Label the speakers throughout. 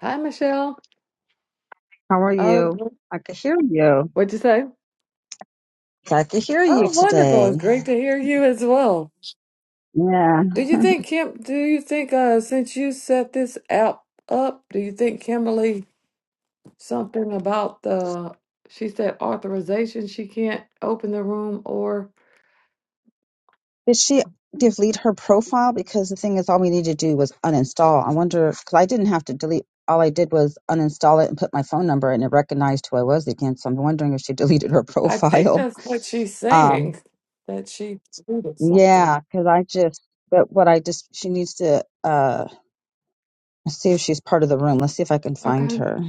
Speaker 1: Hi, Michelle.
Speaker 2: How are
Speaker 1: Oh,
Speaker 2: you? I can hear you.
Speaker 1: what'd you say?
Speaker 2: I can hear you
Speaker 1: Oh, wonderful. It's
Speaker 2: today.
Speaker 1: great to hear you as well.
Speaker 2: Yeah.
Speaker 1: Do you think Kim, do you think uh since you set this app up, do you think Kimberly something about the she said authorization, she can't open the room or
Speaker 2: Did she delete her profile? Because the thing is, all we needed to do was uninstall. I wonder, because I didn't have to delete. All I did was uninstall it and put my phone number, and it recognized who I was again. So I'm wondering if she deleted her
Speaker 1: I think
Speaker 2: profile.
Speaker 1: that's what she's
Speaker 2: Um,
Speaker 1: saying that she tweeted something.
Speaker 2: yeah, because I just, but what I just, she needs to uh, see if she's part of the room. Let's see if I can find
Speaker 1: Okay,
Speaker 2: her.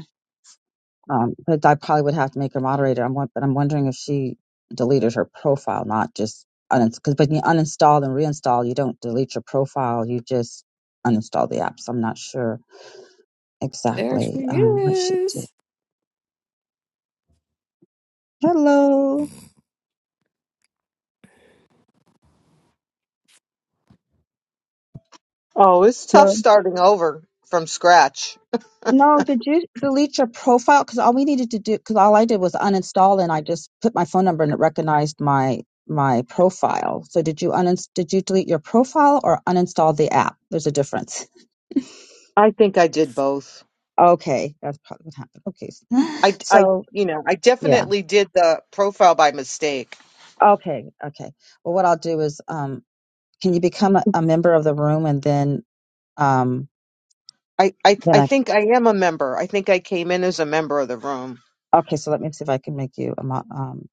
Speaker 2: Um, but I probably would have to make her moderator. I'm won- but I'm wondering if she deleted her profile, not just because. But you uninstall and reinstall. You don't delete your profile. You just uninstall the app. So I'm not sure
Speaker 1: there she
Speaker 2: exactly um, what she did.
Speaker 1: is.
Speaker 2: Hello.
Speaker 3: Oh, it's tough
Speaker 2: Hello.
Speaker 3: starting over from scratch.
Speaker 2: No, did you delete your profile? Because all we needed to do, because all I did was uninstall, and I just put my phone number, and it recognized my my profile. So did you uninst? Did you delete your profile or uninstall the app? There's a difference.
Speaker 3: I think I did both.
Speaker 2: Okay, that's probably what happened. Okay, s-
Speaker 3: I, I,
Speaker 2: so
Speaker 3: you know, I
Speaker 2: yeah,
Speaker 3: definitely did the profile by mistake.
Speaker 2: okay, okay. Well, what I'll do is, um, can you become a, a member of the room and then, um,
Speaker 3: I, I,
Speaker 2: then
Speaker 3: I
Speaker 2: I
Speaker 3: think I am a member. I think I came in as a member of the room
Speaker 2: okay. So let me see if I can make you a mo- um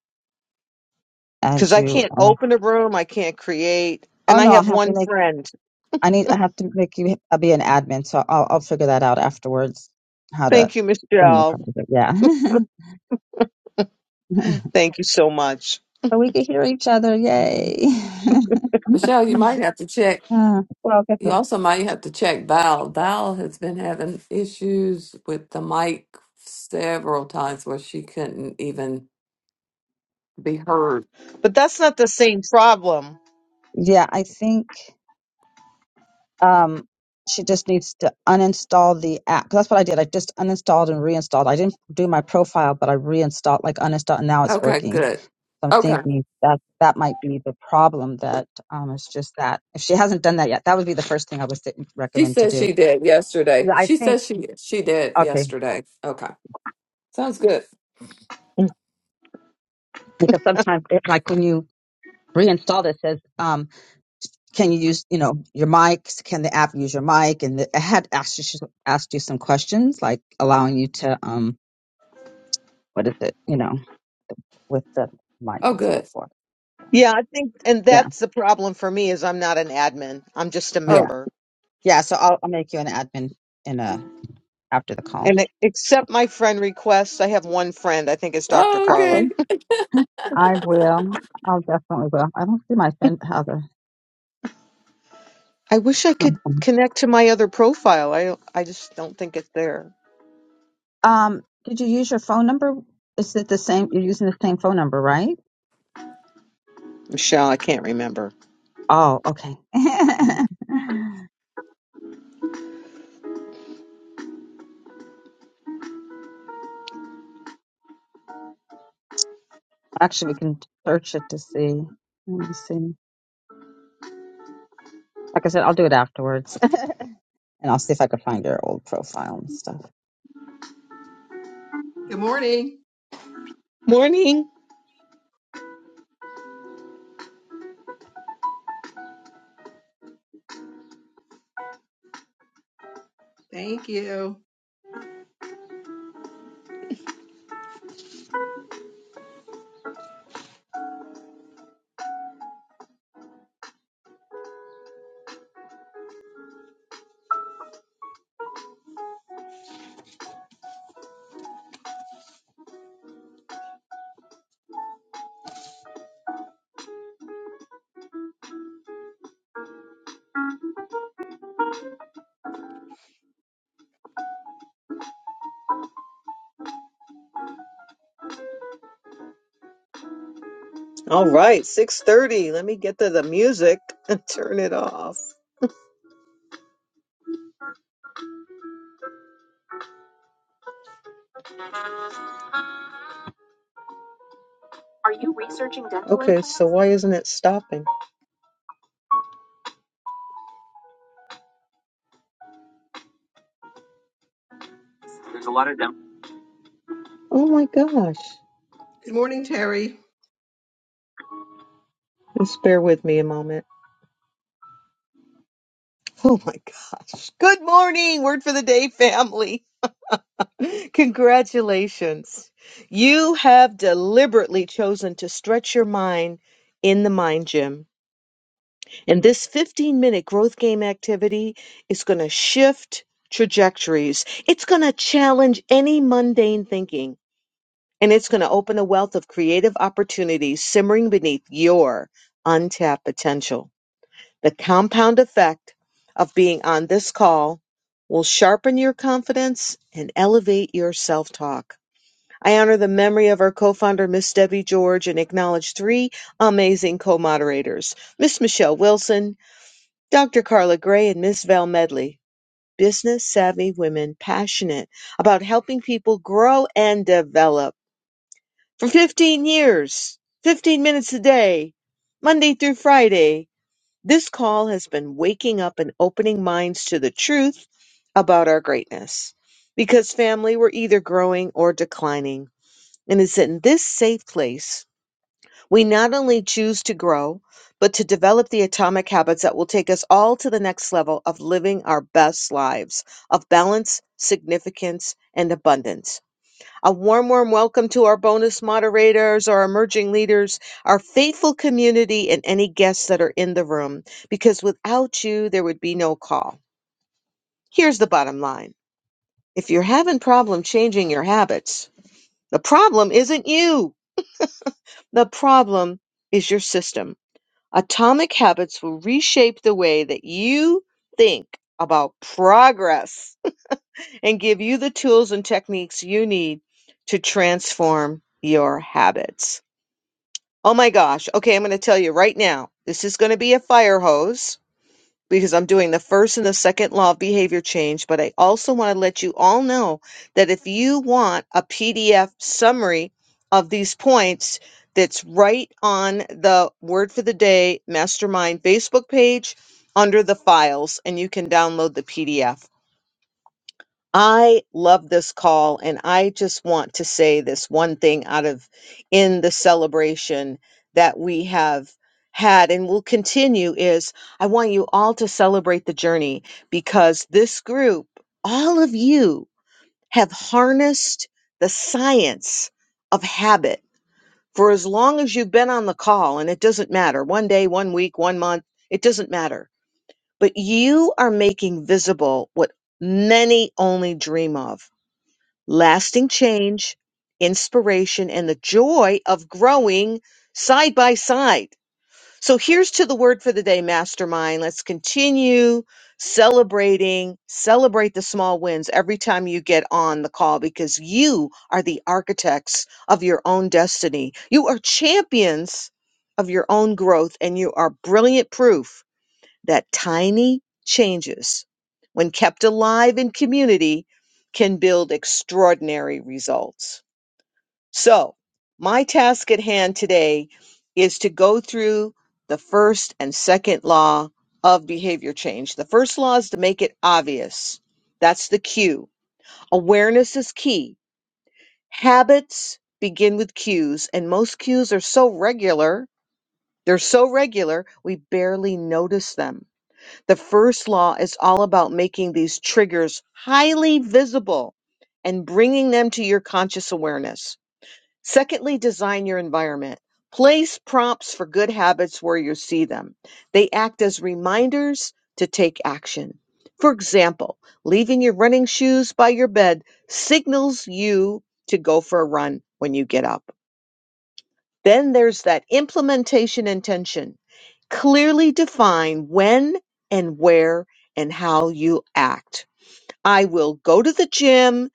Speaker 3: because
Speaker 2: add
Speaker 3: I
Speaker 2: you.
Speaker 3: can't
Speaker 2: As,
Speaker 3: open a room. I can't create.
Speaker 2: oh
Speaker 3: And I
Speaker 2: no, I'll
Speaker 3: have
Speaker 2: have to
Speaker 3: one
Speaker 2: make.
Speaker 3: friend.
Speaker 2: I need. I have to make you uh, be an admin. So I'll I'll figure that out afterwards. How to
Speaker 3: Thank you,
Speaker 2: bring you part
Speaker 3: Michelle.
Speaker 2: of it. Yeah.
Speaker 3: Thank you so much.
Speaker 2: so we can hear each other.
Speaker 1: Mhm.
Speaker 2: Yay.
Speaker 1: Michelle, you
Speaker 2: uh,
Speaker 1: might have to check
Speaker 2: well, I guess
Speaker 1: You
Speaker 2: what?
Speaker 1: also might have to check Val. Val has been having issues with the mic several times where she couldn't even be heard.
Speaker 3: But that's not the same problem.
Speaker 2: Yeah, I think. Um, she just needs to uninstall the app. 'Cause That's what I did. I just uninstalled and reinstalled. I didn't do my profile, but I reinstalled, like uninstalled, and now it's
Speaker 1: Okay,
Speaker 2: working.
Speaker 1: good.
Speaker 2: So I'm
Speaker 1: Okay.
Speaker 2: thinking that that might be the problem. That um, it's just that if she hasn't done that yet, that would be the first thing I would th-
Speaker 1: She
Speaker 2: recommend to
Speaker 1: says
Speaker 2: do.
Speaker 1: she did
Speaker 2: 'Cause
Speaker 1: yesterday.
Speaker 2: I
Speaker 1: She
Speaker 2: think
Speaker 1: says she she did
Speaker 2: okay,
Speaker 1: yesterday. Okay. Sounds good.
Speaker 2: because sometimes it, like when you reinstall it, it says um, can you use you know your mics? Can the app use your mic? And the, I had asked you asked you some questions like allowing you to um, what is it? You know with the mic
Speaker 1: Oh
Speaker 2: and so
Speaker 1: good.
Speaker 2: forth. So,
Speaker 3: Yeah, I think, and
Speaker 2: Yeah,
Speaker 3: that's the problem for me is I'm not an admin. I'm just a
Speaker 2: yeah,
Speaker 1: Oh,
Speaker 3: member.
Speaker 2: yeah. So I'll, I'll make you an admin in a after the call.
Speaker 3: And accept my friend request. I have one friend. I think it's Dr.
Speaker 1: oh
Speaker 2: Okay,
Speaker 3: Carla.
Speaker 1: okay.
Speaker 2: I will. I'll definitely will. I don't see my phone. How the
Speaker 3: I wish I could connect to my other profile. I I just don't think it's there.
Speaker 2: um? Did you use your phone number? Is it the same? You're using the same phone number, right?
Speaker 3: Michelle, I can't remember.
Speaker 2: Oh, okay. Actually, we can search it to see. Let me see. Like I said, I'll do it afterwards, and I'll see if I can find your old profile and stuff.
Speaker 4: Good morning.
Speaker 3: Morning.
Speaker 4: Thank you.
Speaker 3: All right, 6:30. Let me get to the music and turn it off. Are you researching dental Okay, implants? so why isn't it stopping? Oh my gosh.
Speaker 4: Good morning, Terry.
Speaker 3: Just bear with me a moment. Oh my gosh. Good morning. Word for the day, family. Congratulations. You have deliberately chosen to stretch your mind in the mind gym. And this 15 minute growth game activity is going to shift trajectories. It's going to challenge any mundane thinking and it's going to open a wealth of creative opportunities simmering beneath your untapped potential. The compound effect of being on this call will sharpen your confidence and elevate your self talk. I honor the memory of our co-founder, Miss Debbie George, and acknowledge three amazing co-moderators, Miss Michelle Wilson, Dr. Carla Gray, and Miss Val Medley. Business savvy women passionate about helping people grow and develop. For 15 years, 15 minutes a day, Monday through Friday, this call has been waking up and opening minds to the truth about our greatness. Because family, we're either growing or declining and it's in this safe place we not only choose to grow, but to develop the atomic habits that will take us all to the next level of living our best lives of balance, significance, and abundance. A warm, warm welcome to our bonus moderators, our emerging leaders, our faithful community, and any guests that are in the room, because without you, there would be no call. Here's the bottom line if you're having problem changing your habits, the problem isn't you. The problem is your system. Atomic habits will reshape the way that you think about progress and give you the tools and techniques you need to transform your habits. Oh my gosh. Okay, I'm going to tell you right now. This is going to be a fire hose because I'm doing the first and the second law of behavior change, but I also want to let you all know that if you want a PDF summary of these points that's right on the Word for the Day Mastermind Facebook page under the files, and you can download the PDF. I love this call, and I just want to say this one thing out of in the celebration that we have had and will continue is I want you all to celebrate the journey because this group, all of you, have harnessed the science of habit for as long as you've been on the call, and it doesn't matter one day, one week, one month, it doesn't matter. But you are making visible what many only dream of lasting change, inspiration, and the joy of growing side by side. So here's to the word for the day, mastermind. Let's continue celebrating, celebrate the small wins every time you get on the call because you are the architects of your own destiny. You are champions of your own growth and you are brilliant proof that tiny changes, when kept alive in community, can build extraordinary results. So, my task at hand today is to go through the first and second law of behavior change. The first law is to make it obvious. That's the cue. Awareness is key. Habits begin with cues, and most cues are so regular, they're so regular, we barely notice them the first law is all about making these triggers highly visible and bringing them to your conscious awareness. Secondly, design your environment. Place prompts for good habits where you see them. They act as reminders to take action. For example, leaving your running shoes by your bed signals you to go for a run when you get up. Then there's that implementation intention Clearly define when and where and how you act. I will go to the gym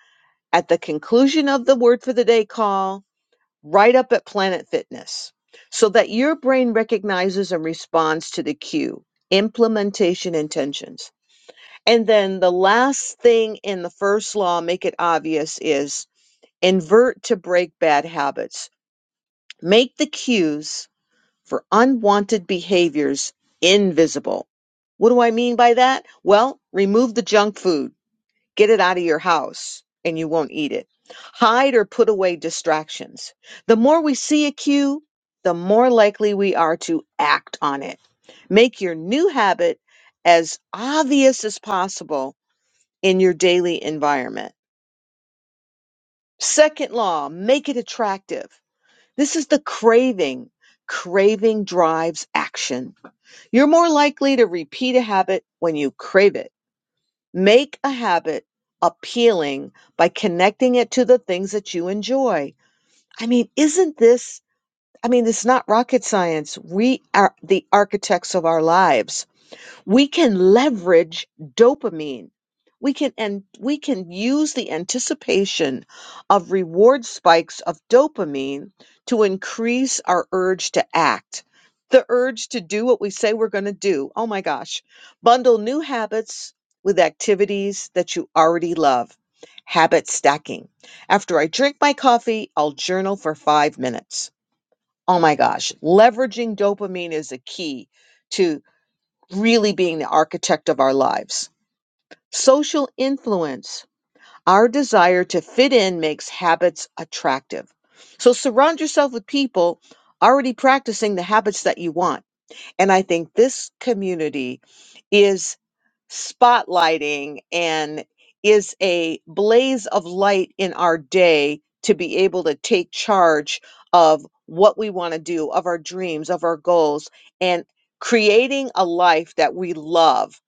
Speaker 3: at the conclusion of the word for the day call, right up at Planet Fitness, so that your brain recognizes and responds to the cue, implementation intentions. And then the last thing in the first law, make it obvious, is invert to break bad habits. Make the cues for unwanted behaviors invisible. What do I mean by that? Well, remove the junk food, get it out of your house, and you won't eat it. Hide or put away distractions. The more we see a cue, the more likely we are to act on it. Make your new habit as obvious as possible in your daily environment. Second law, make it attractive. This is the craving. Craving drives action You're more likely to repeat a habit when you crave it. Make a habit appealing by connecting it to the things that you enjoy. I mean, isn't this? I mean, it's not rocket science. We are the architects of our lives we can leverage dopamine we can and we can use the anticipation of reward spikes of dopamine to increase our urge to act the urge to do what we say we're going to do oh my gosh bundle new habits with activities that you already love habit stacking after i drink my coffee i'll journal for 5 minutes oh my gosh leveraging dopamine is a key to really being the architect of our lives. Social influence. Our desire to fit in makes habits attractive. So surround yourself with people already practicing the habits that you want. And I think this community is spotlighting and is a blaze of light in our day to be able to take charge of what we want to do, of our dreams, of our goals, and creating a life that we love.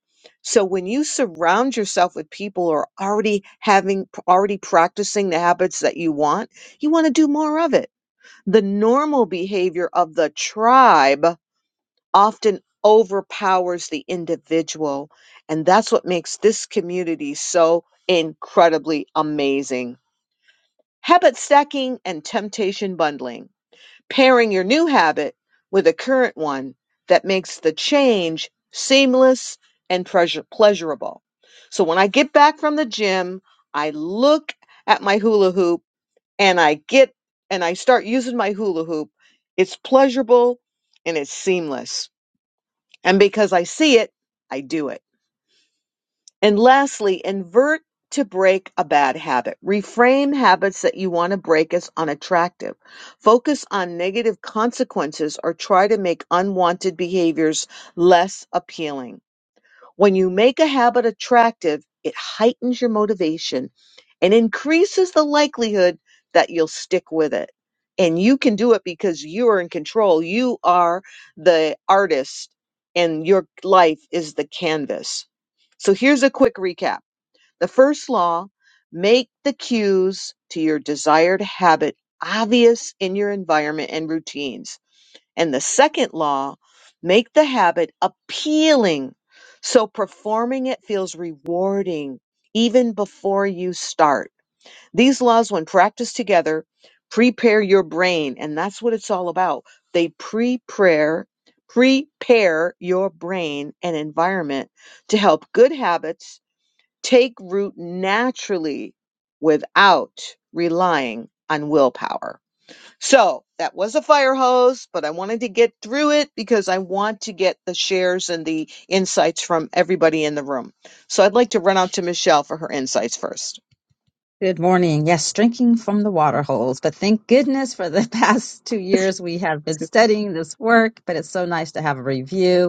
Speaker 3: So when you surround yourself with people who are already having already practicing the habits that you want, you want to do more of it. The normal behavior of the tribe often overpowers the individual. And that's what makes this community so incredibly amazing. Habit stacking and temptation bundling, pairing your new habit with a current one that makes the change seamless and pleasure- pleasurable. So when I get back from the gym, I look at my hula hoop and I get and I start using my hula hoop. It's pleasurable and it's seamless. And because I see it, I do it. And lastly, invert to break a bad habit. Reframe habits that you want to break as unattractive. Focus on negative consequences or try to make unwanted behaviors less appealing. When you make a habit attractive, it heightens your motivation and increases the likelihood that you'll stick with it. And you can do it because you are in control. You are the artist, and your life is the canvas. So here's a quick recap the first law make the cues to your desired habit obvious in your environment and routines. And the second law, make the habit appealing. So performing it feels rewarding even before you start. These laws, when practiced together, prepare your brain. And that's what it's all about. They prepare, prepare your brain and environment to help good habits take root naturally without relying on willpower. So that was a fire hose, but I wanted to get through it because I want to get the shares and the insights from everybody in the room. So I'd like to run out to Michelle for her insights first.
Speaker 2: Good morning. Yes, drinking from the water holes. But thank goodness for the past two years we have been studying this work. But it's so nice to have a review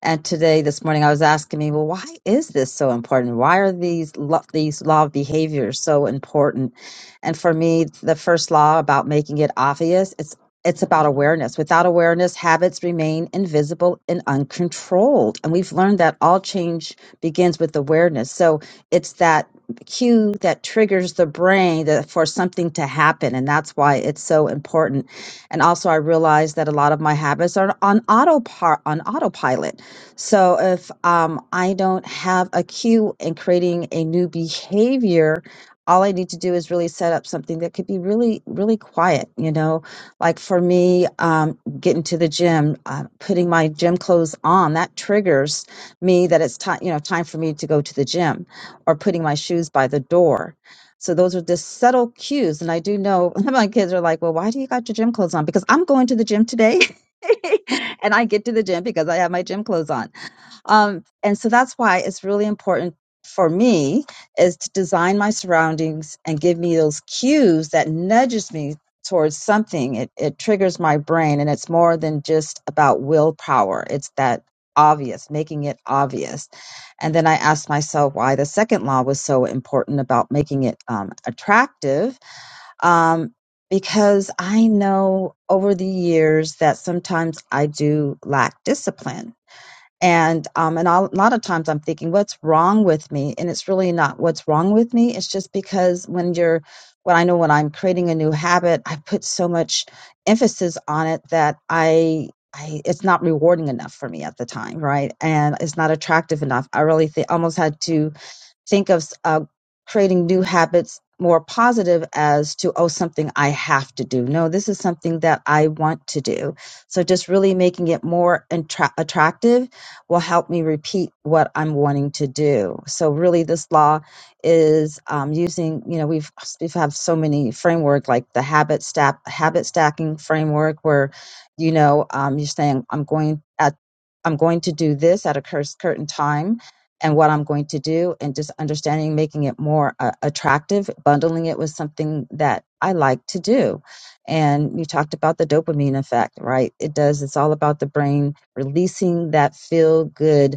Speaker 2: and today, this morning, I was asking me, well, why is this so important? Why are these lo- these law of behaviors so important? And for me, the first law about making it obvious, it's it's about awareness. Without awareness, habits remain invisible and uncontrolled. And we've learned that all change begins with awareness. So it's that cue that triggers the brain that, for something to happen. And that's why it's so important. And also, I realized that a lot of my habits are on autopilot. on autopilot so if um, I don't have a cue in creating a new behavior, all I need to do is really set up something that could be really, really quiet. You know, like for me, um, getting to the gym, uh, putting my gym clothes on, that triggers me that it's time, you know, time for me to go to the gym, or putting my shoes by the door. So those are just subtle cues, and I do know my kids are like, "Well, why do you got your gym clothes on?" Because I'm going to the gym today, and I get to the gym because I have my gym clothes on um, and so that's why it's really important for me is to design my surroundings and give me those cues that nudges me towards something. It, it triggers my brain and it's more than just about willpower. It's that obvious, making it obvious. And then I asked myself why the second law was so important about making it um, attractive. Um, because I know over the years that sometimes I do lack discipline and um, and I'll- a lot of times I'm thinking, what's wrong with me? And it's really not what's wrong with me. It's just because when you're, when I know when I'm creating a new habit, I put so much emphasis on it that I, I it's not rewarding enough for me at the time, right? And it's not attractive enough. I really think almost had to think of uh, creating new habits more positive as to oh something i have to do no this is something that i want to do so just really making it more attra- attractive will help me repeat what i'm wanting to do so really this law is um, using you know we've we've have so many framework like the habit stack habit stacking framework where you know um, you're saying i'm going at i'm going to do this at a cur- certain time and what I'm going to do and just understanding, making it more uh, attractive, bundling it with something that I like to do. And you talked about the dopamine effect, right? It does, it's all about the brain releasing that feel good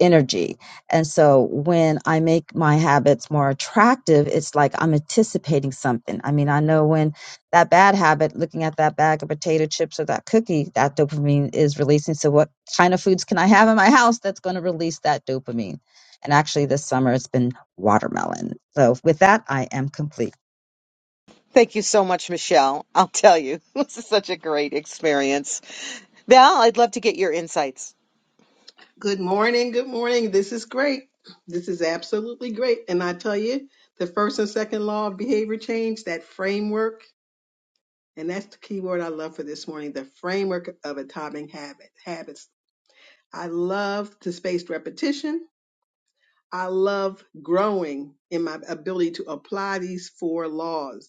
Speaker 2: energy. And so when I make my habits more attractive, it's like I'm anticipating something. I mean, I know when that bad habit, looking at that bag of potato chips or that cookie, that dopamine is releasing. So what kind of foods can I have in my house that's going to release that dopamine? And actually this summer it's been watermelon. So with that, I am complete.
Speaker 3: Thank you so much, Michelle. I'll tell you, this is such a great experience. Val, I'd love to get your insights.
Speaker 4: Good morning. Good morning. This is great. This is absolutely great. And I tell you, the first and second law of behavior change, that framework, and that's the key word I love for this morning, the framework of atomic habit, habits. I love the spaced repetition. I love growing in my ability to apply these four laws.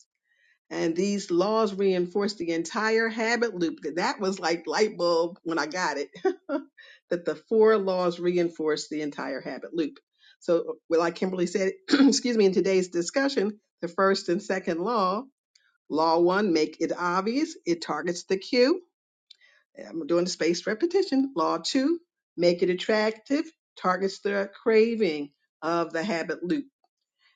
Speaker 4: And these laws reinforce the entire habit loop. That that was like light bulb when I got it, that the four laws reinforce the entire habit loop. So, well, like Kimberly said, excuse me, in today's discussion, the first and second law, law one, make it obvious, it targets the cue. I'm doing the spaced repetition. Law two, make it attractive, targets the craving of the habit loop.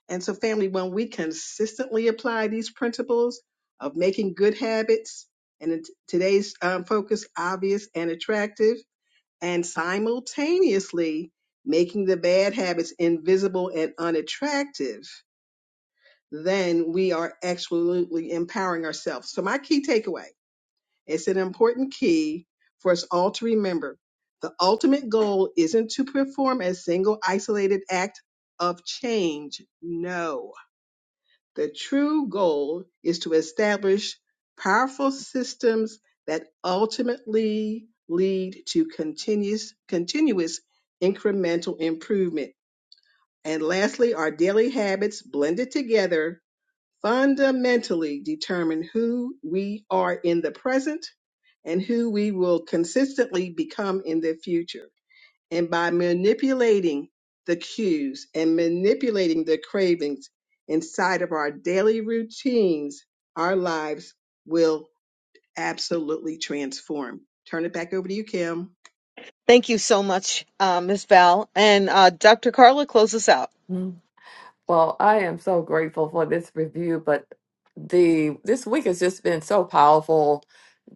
Speaker 4: And so, family, when we consistently apply these principles of making good habits, and in t- today's um, focus, obvious and attractive, and simultaneously making the bad habits invisible and unattractive, then we are absolutely empowering ourselves. So, my key takeaway it's an important key for us all to remember. The ultimate goal isn't to perform a single isolated act of change. No the true goal is to establish powerful systems that ultimately lead to continuous, continuous incremental improvement. And lastly, our daily habits blended together fundamentally determine who we are in the present and who we will consistently become in the future. And by manipulating the cues and manipulating the cravings inside of our daily routines, our lives will absolutely transform. Turn it back over to you, Kim.
Speaker 3: Thank you so much, uh, Ms. Val. And uh, Dr. Carla, close us out.
Speaker 1: Mhm. Well, I am so grateful for this review, but the this week has just been so powerful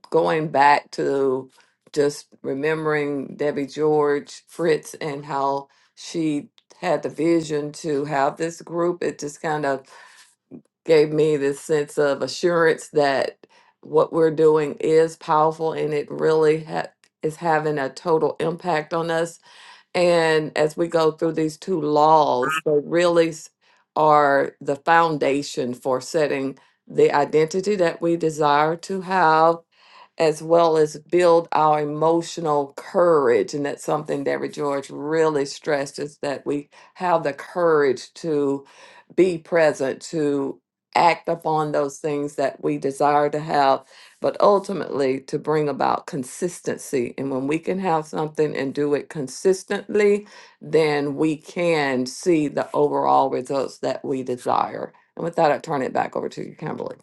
Speaker 1: going back to just remembering Debbie George, Fritz, and how she had the vision to have this group, it just kind of gave me this sense of assurance that what we're doing is powerful and it really ha- is having a total impact on us. And as we go through these two laws, they really s- are the foundation for setting the identity that we desire to have as well as build our emotional courage. And that's something that George really stressed is that we have the courage to be present, to act upon those things that we desire to have, but ultimately to bring about consistency. And when we can have something and do it consistently, then we can see the overall results that we desire. And with that, I turn it back over to you, Kimberly.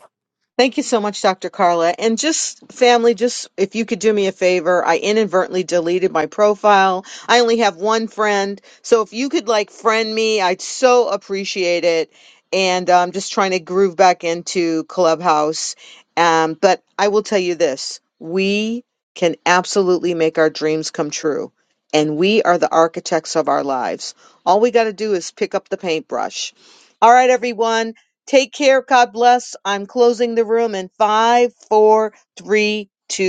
Speaker 3: Thank you so much, Dr. Carla. And just family, just if you could do me a favor, I inadvertently deleted my profile. I only have one friend. So if you could like friend me, I'd so appreciate it. And I'm um, just trying to groove back into Clubhouse. Um, but I will tell you this we can absolutely make our dreams come true. And we are the architects of our lives. All we got to do is pick up the paintbrush. All right, everyone. Take care. God bless. I'm closing the room in five, four, three, two.